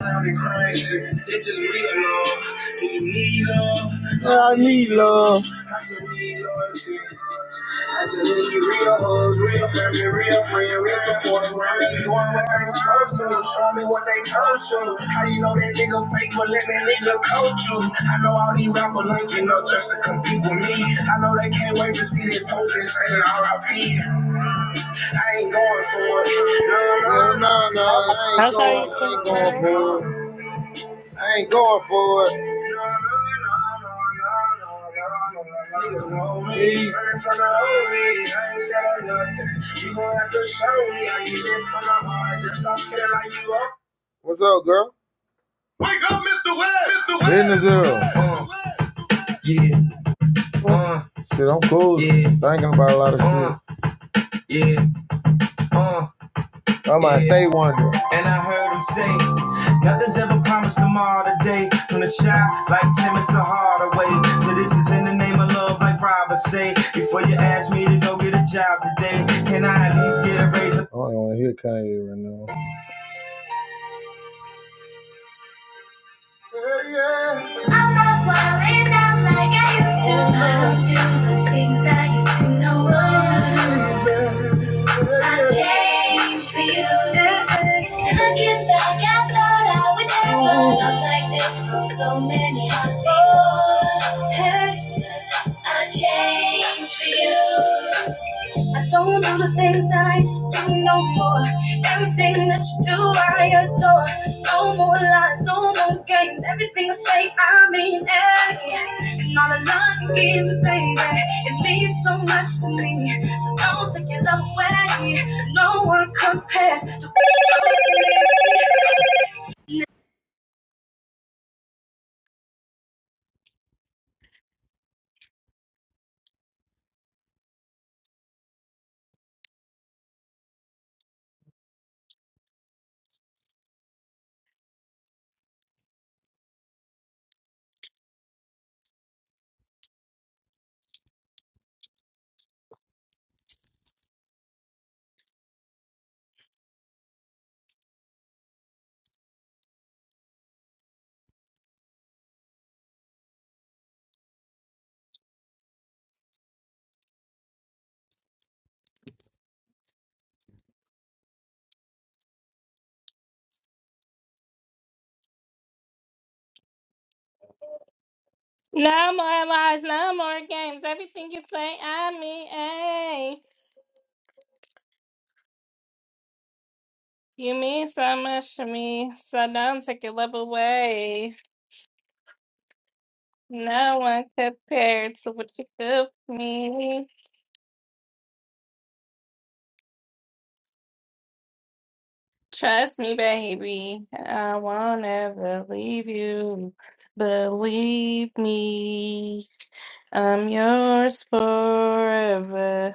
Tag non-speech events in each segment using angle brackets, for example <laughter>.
I need love. I just need love. No, no, no, no, I I'm ain't going, sorry, you I can ain't going for it. I ain't going for it. Niggas know me. Learn from the homies. I ain't scared of nothing. You gon' have to show me. I get it from my heart. Just don't feel like you up. What's up, girl? Wake up, Mr. West! Mr. West! Business up. Yeah. Uh, shit, I'm cool. Yeah. Thinking about a lot of uh, shit. Uh, yeah. Uh, I might stay wondering. And I heard him say, Nothing's ever promised tomorrow today. From the shy, like Timmons to Hardaway. So this is in the name of love, like Robert say. Before you ask me to go get a job today, can I at least get a raise? I don't want to hear Kanye right now. I'm not wildin' out like I used to. I don't do the things I used to know. I changed for you. looking back, I thought I would never love like this. So many hearts. I changed for you. I don't do the things that I used to do no more. Everything that you do, I adore. No more lies, no more games. Everything I say, I mean it. And all the love you give me, baby, it means so much to me. So don't take your love away. No one compares to what you do No more lies, no more games. Everything you say, I mean, hey, you mean so much to me, so don't take your love away. No one compared to what you do for me. Trust me, baby, I won't ever leave you. Believe me, I'm yours forever.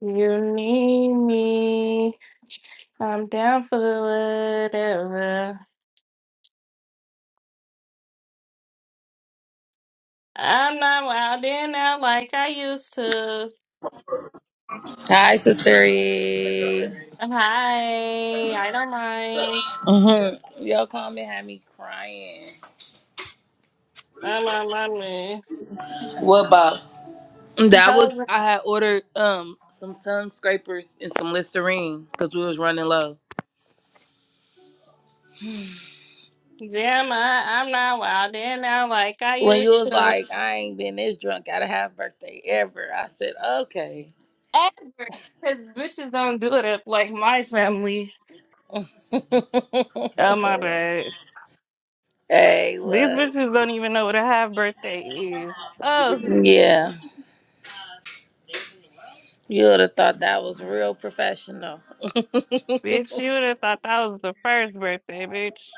You need me. I'm down for whatever. I'm not wildin' out like I used to. Hi, Sister E. Hi, I don't mind. Mhm. Your comment had me crying. I'm on my me. What box? That was I had ordered um some tongue scrapers and some Listerine because we was running low. damn! I- I'm not wildin' out like I When used you was to. like, I ain't been this drunk at a half birthday ever. I said, okay. Ever. Because bitches don't do it up like my family. <laughs> Oh, my bad. hey, These look. bitches don't even know what a half birthday is. Oh, Yeah, you would have thought that was real professional. <laughs> oh bitch, you would have thought that was the first birthday, bitch.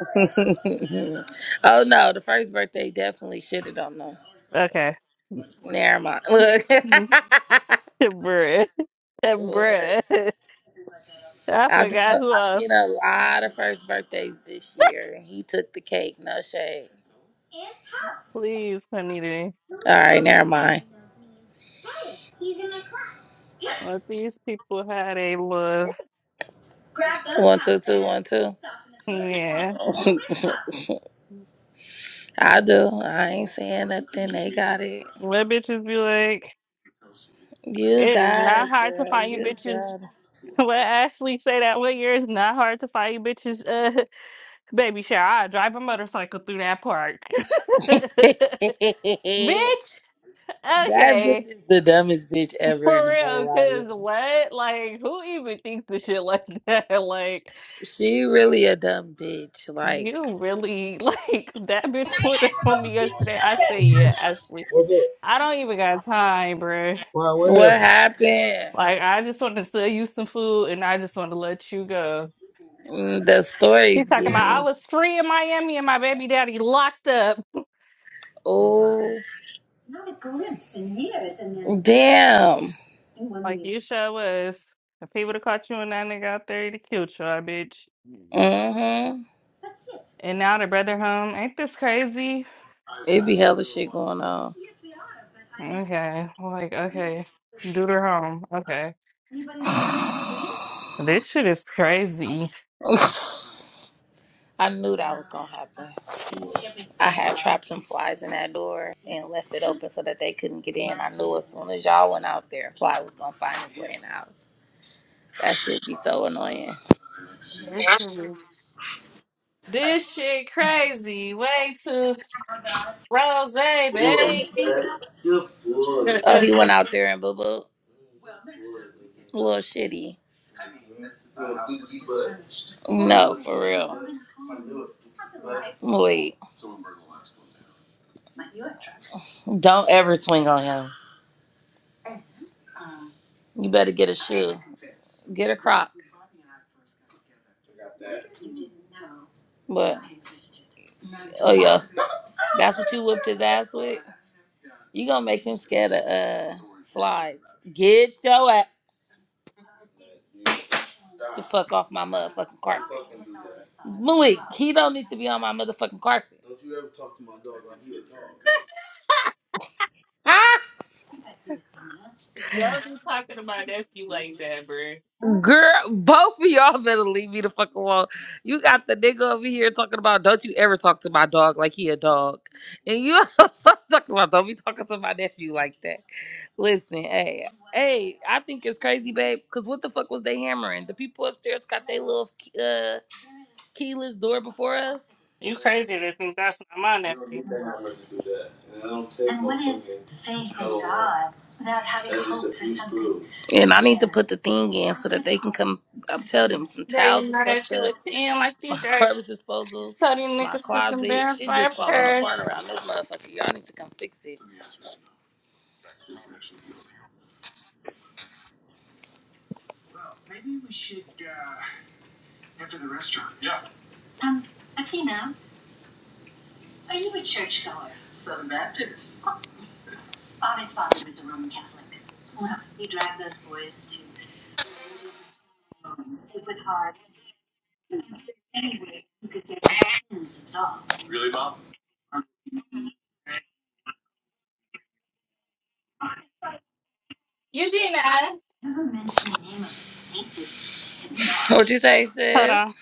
no, the first birthday definitely shitted on them. Okay. Never mind. Look, <laughs> Bruh. <laughs> Uh, Look, bruh. <laughs> I I've seen, a, forgot who I've else. seen a lot of first birthdays this year. He took the cake, no shade. Please, Juanita. Let these people had a love. One two. Yeah. <laughs> I do. I ain't saying nothing. They got it. Let bitches be like, You it is got not it, hard to girl. find you You bitches. got <laughs> Let Ashley say that one year it's not hard to find you bitches. Uh, <laughs> baby shower. I drive a motorcycle through that park. <laughs> it. <laughs> Bitch, that bitch okay. is the dumbest bitch ever in For the whole real, wide cause world. what? Like, who even thinks the shit like that? <laughs> Like, She really a dumb bitch. Like, You really <laughs> like that bitch put it on to me me. yesterday. I say, yeah, Ashley. What's up? I don't even got time, bruh. Why? what what happened? happened? Like, I just want to sell you some food and I just want to let you go. Mm, The She stories talking get about I me. was free in Miami and my baby daddy locked up. Oh, damn. Like, you sure was. If he would have caught you and that nigga out there, he'd have killed your bitch. Mm-hmm. And now the brother home. Ain't this crazy? It be hella shit going on. Okay. Like, okay. Dude her home. Okay. This shit is crazy. <laughs> I knew that was gonna happen. I had trapped some flies in that door and left it open so that they couldn't get in. I knew as soon as y'all went out there, a fly was gonna find its way in the house. That shit be so annoying. This shit is This shit crazy. Way to rose, baby. <laughs> Oh, he Don't went out there and boo boo. Little shitty. Mm, Wait, don't ever swing on him. You better get a shit, get a crop. But oh yeah, that's what you whipped his ass with. You gonna make him scared of uh Get your ass fuck off my motherfucking car. Malik, he don't need to be on my motherfucking carpet. Ah, be talking to my nephew like that, bro. girl, both of y'all better leave me the fuck alone. You got the nigga over here talking about don't you ever talk to my dog like he a dog, and you <laughs> talking about don't be talking to my nephew like that. Listen, hey, hey, I think it's crazy, babe. Cause what the fuck was they hammering? The people upstairs got their little uh, keyless door before us, You crazy to think that's not my nephew. and I need put the thing in. Come, I'm tell them some Bro, towels you and know fuck that you was seeing like my these <laughs> jerks. garbage disposal, Tell these my niggas for some closet. bands Shit by a just falling apart purse. around this motherfucker. Y'all need to come fix it. Eugenia. What you say, Hold sis? on.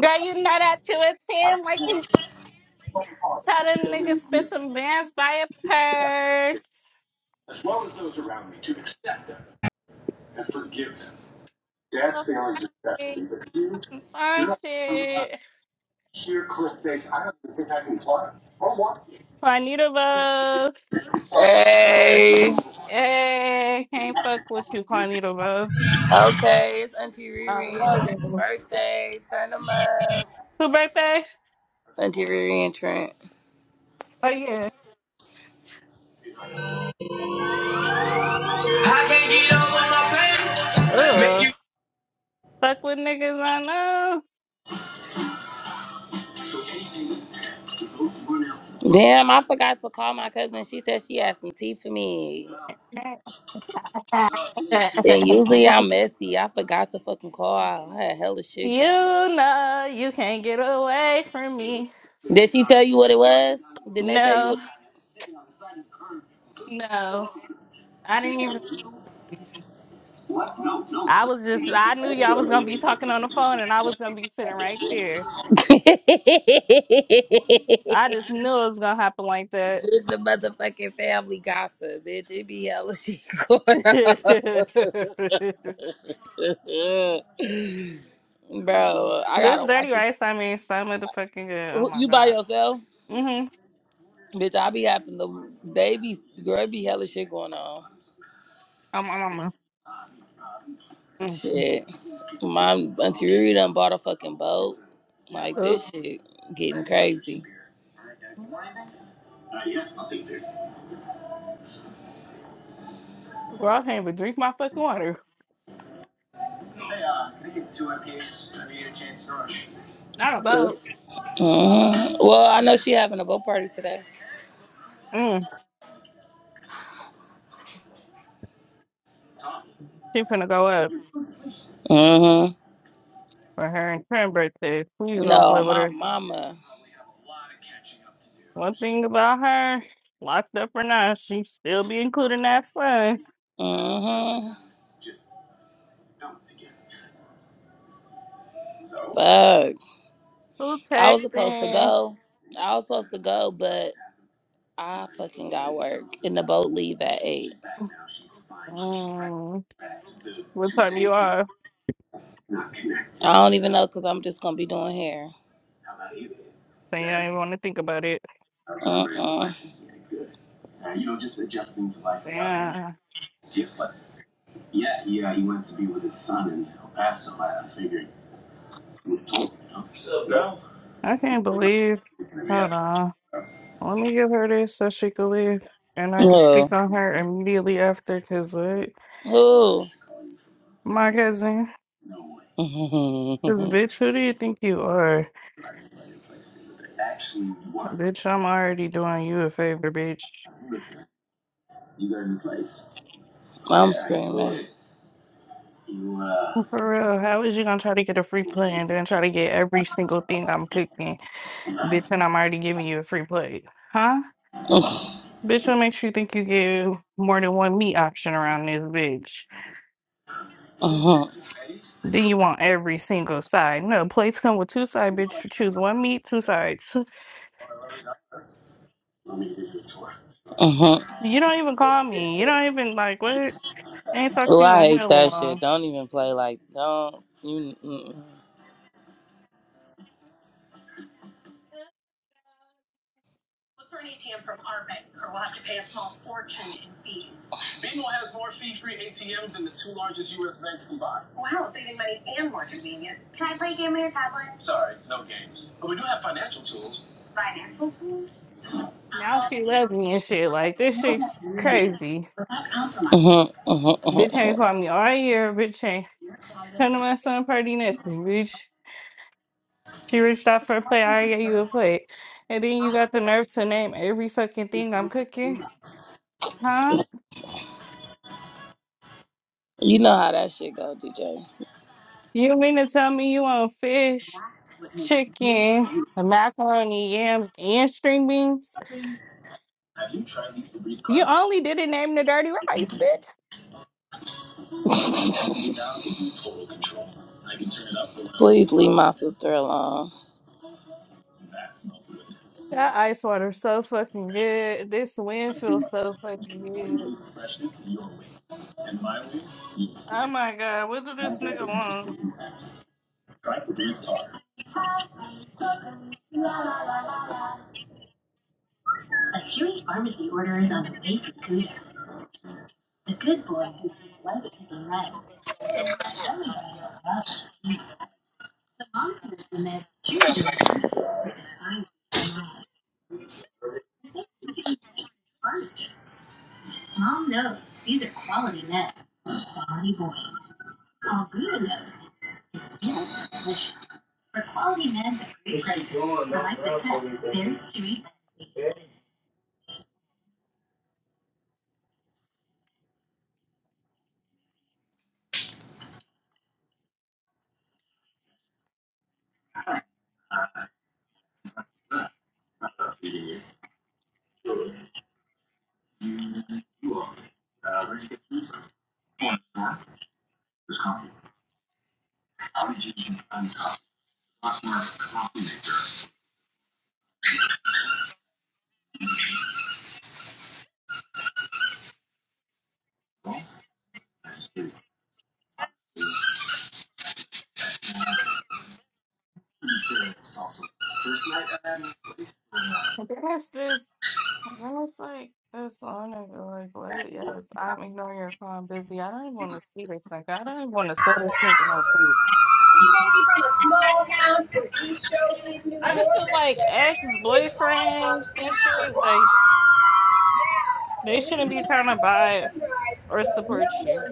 Girl, you know that you was seeing like these. Tell them niggas for some bands by a purse. Look, I see some fun shit. Juanita Buzz. Hey. Hey, can't fuck with you, Juanito, bro. Okay, it's Auntie I Riri and love Trent's you. Birthday, turn them up. Who birthday? Auntie Riri and Trent. Oh yeah. Ugh. Fuck with niggas I know. Damn, I forgot to call my cousin. She said she had some tea for me. <laughs> Then usually I'm messy. I forgot to fucking call. I had hella shit you going on. know you can't get away from me. Did she tell you what it was? Didn't they tell you No, no. I didn't even I was just I knew y'all was gonna be talking on the phone and I was gonna be sitting right there. what? <laughs> I just knew it was gonna happen like that. With the motherfucking family gossip, bitch. It be hella <laughs> shit going <laughs> on. <laughs> Bro, I this gotta watch dirty it. rice I mean so motherfucking good. Oh Who- my You by god. yourself? hmm Bitch, I be having the they be girl it be hella shit going on. Oh my mama. Mm. Shit. My auntie Riri done bought a fucking boat. Like Oop. this shit getting crazy. Girl, I can't even drink my fucking water. Not a boat. hmm Well, I know she having a boat party today. Mm. She finna go up hmm for her and her birthday. Please don't play No, with my her. mama. One thing about her, locked up or not, she still be including that fun. hmm Fuck. Who I was supposed to texting? go. I was supposed to go, but I fucking got work. And the boat leave at 8. Mm. What time you are? I don't even know because I'm just going to be doing hair. Saying I ain't want to think about it. Uh-uh. Yeah. I can't believe. Hold on. Let me give her this so she can leave. And I can speak Who? on her immediately after because Who? my cousin. Cause <laughs> bitch, who do you think you are? Bitch, I'm already doing you a favor, bitch. I'm screaming. <laughs> For real, how is you gonna try to get a free plate and then try to get every single thing I'm cooking, bitch? And I'm already giving you a free plate, huh? Uh-huh, Bitch, what makes you think you get more than one meat option around this bitch? uh-huh. Then you want every single side. No, plates come with two side, bitch. You choose one meat, two sides. <laughs> You don't even call me. You don't even like what? I ain't talked Oh, to you I in hate hella that long. shit. Don't even play like don't you. mm-mm. <laughs> Now she loves me and shit. Like this shit's crazy. Uh-huh, uh-huh, uh-huh, Bitch uh-huh. ain't called me all year. Bitch ain't come to my son party nothing. Bitch, she reached out for a plate. I already gave you a plate, and then you got the nerve to name every fucking thing I'm cooking, huh? You know how that shit go, DJ. You mean to tell me you want fish, chicken, macaroni, yams, and string beans? You only didn't name the dirty rice, bitch. Please leave my sister alone. That ice water so fucking good. This wind feels so fucking good. Oh my god, what do this nigga want? That's this. That's like this on nigga. Like what? Yes, I'm ignoring your call. I'm busy. I don't even want to see this nigga. I don't even want to sell this nigga no food. I just feel like ex boyfriends and shit. Like they shouldn't be trying to buy. or support you.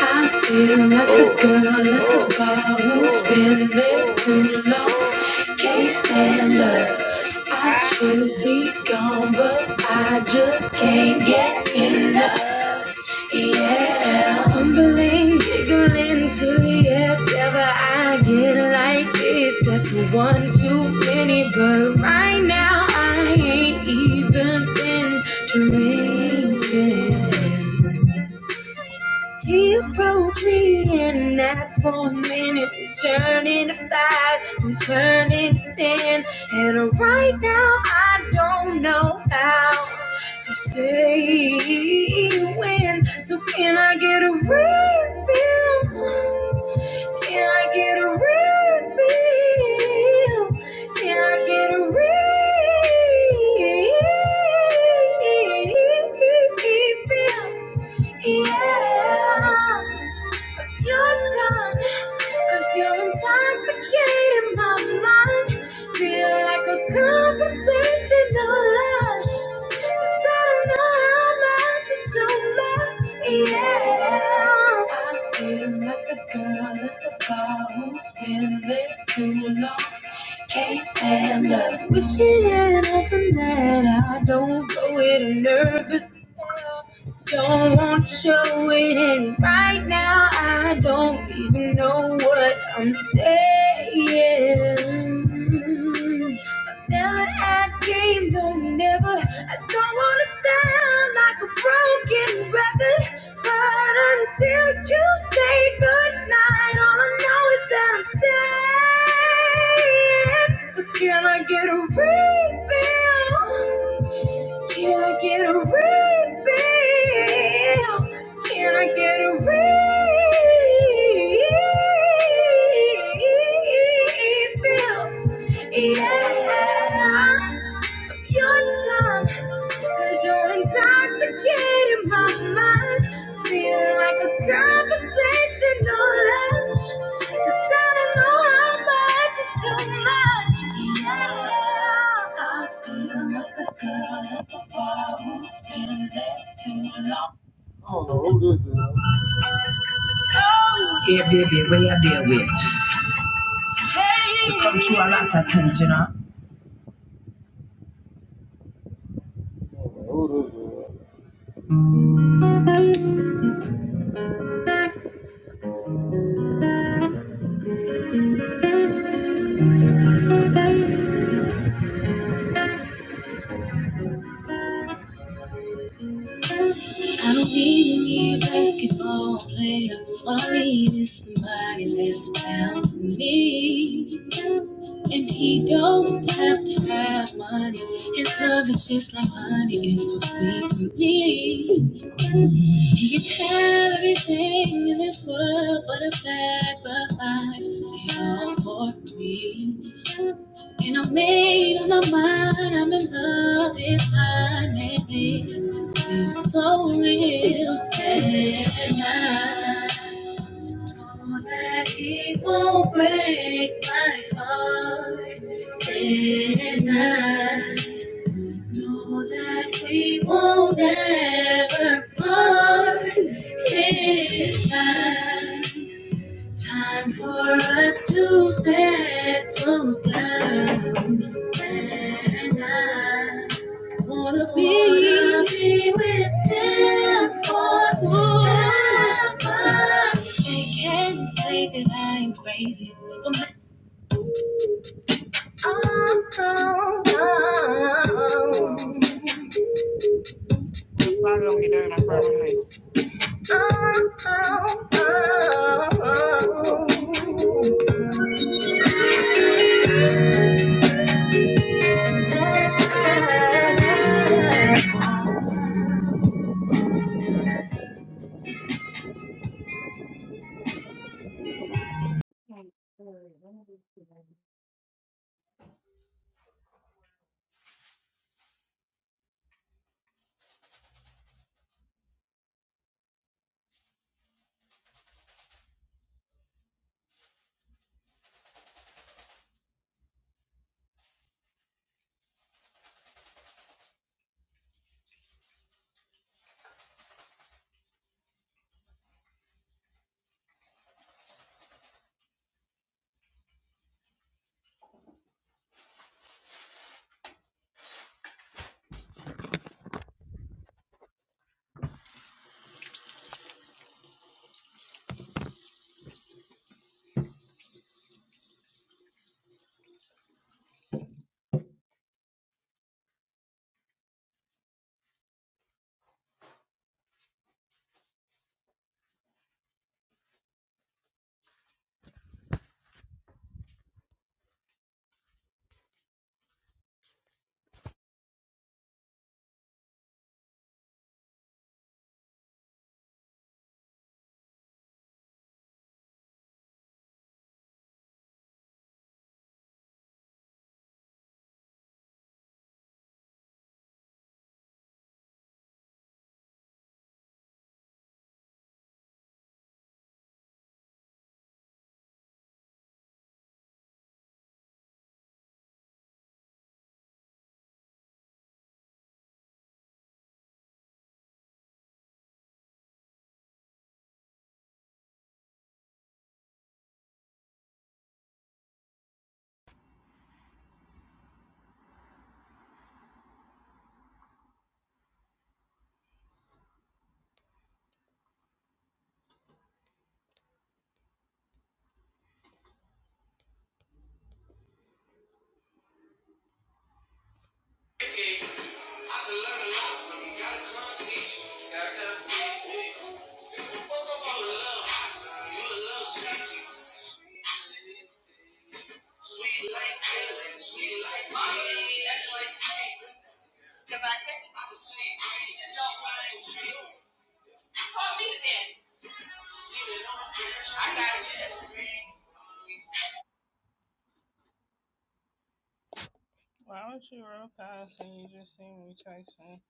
I feel like the Who, girl at who, the bar who's who, been there who, too long. who Can't can stand stand up. up? I I should should be be gone, but I just can't get here. enough. Yeah, fumbling, giggling, silly as ever. I get like this after one too many, but right now I ain't even been drinking. He approached me and asked for a minute. He's turning to five, I'm turning to ten. And right now I don't know how to say when. So can I get a refill? Can I get a refill? Can I get a refill? Yeah. of your done, cause you're intoxicating my mind. Feel like a conversational lush. Yeah, I feel like the girl at the bar who's been there too long. Can't stand up. Wishing and hoping that I don't go it. I'm nervous. Don't want to show it. And right now, I don't even know what I'm saying. Now that I came, don't never. I don't want to sound like a broken record. But until you say goodnight, all I know is that I'm staying. So can I get a refill? Can I get a refill? Can I get a refill? Yeah, of your time, you you're intoxicating my mind. Feel like a conversational lunch. 'cause I don't know how much is too much. Yeah, I feel like a girl at the bar who's been there too long. I don't know who this is. I don't know who this is. I don't need a basketball player. All I need is somebody that's down for me. And he don't have to have money. His love is just like honey, it's so sweet to me. He can have everything in this world, but a sacrifice it all for me. And I made up my mind, I'm in love this time, and it feels so real. And I so that he won't break my heart. And I know that we won't ever part. It's time, time for us to settle down. And I Wanna be, with them forever. They can say that I am crazy, but my oh, oh, Well, it's not gonna be done in front of me. oh, oh, oh, oh. oh. Why would you roll past and you just see me chasing?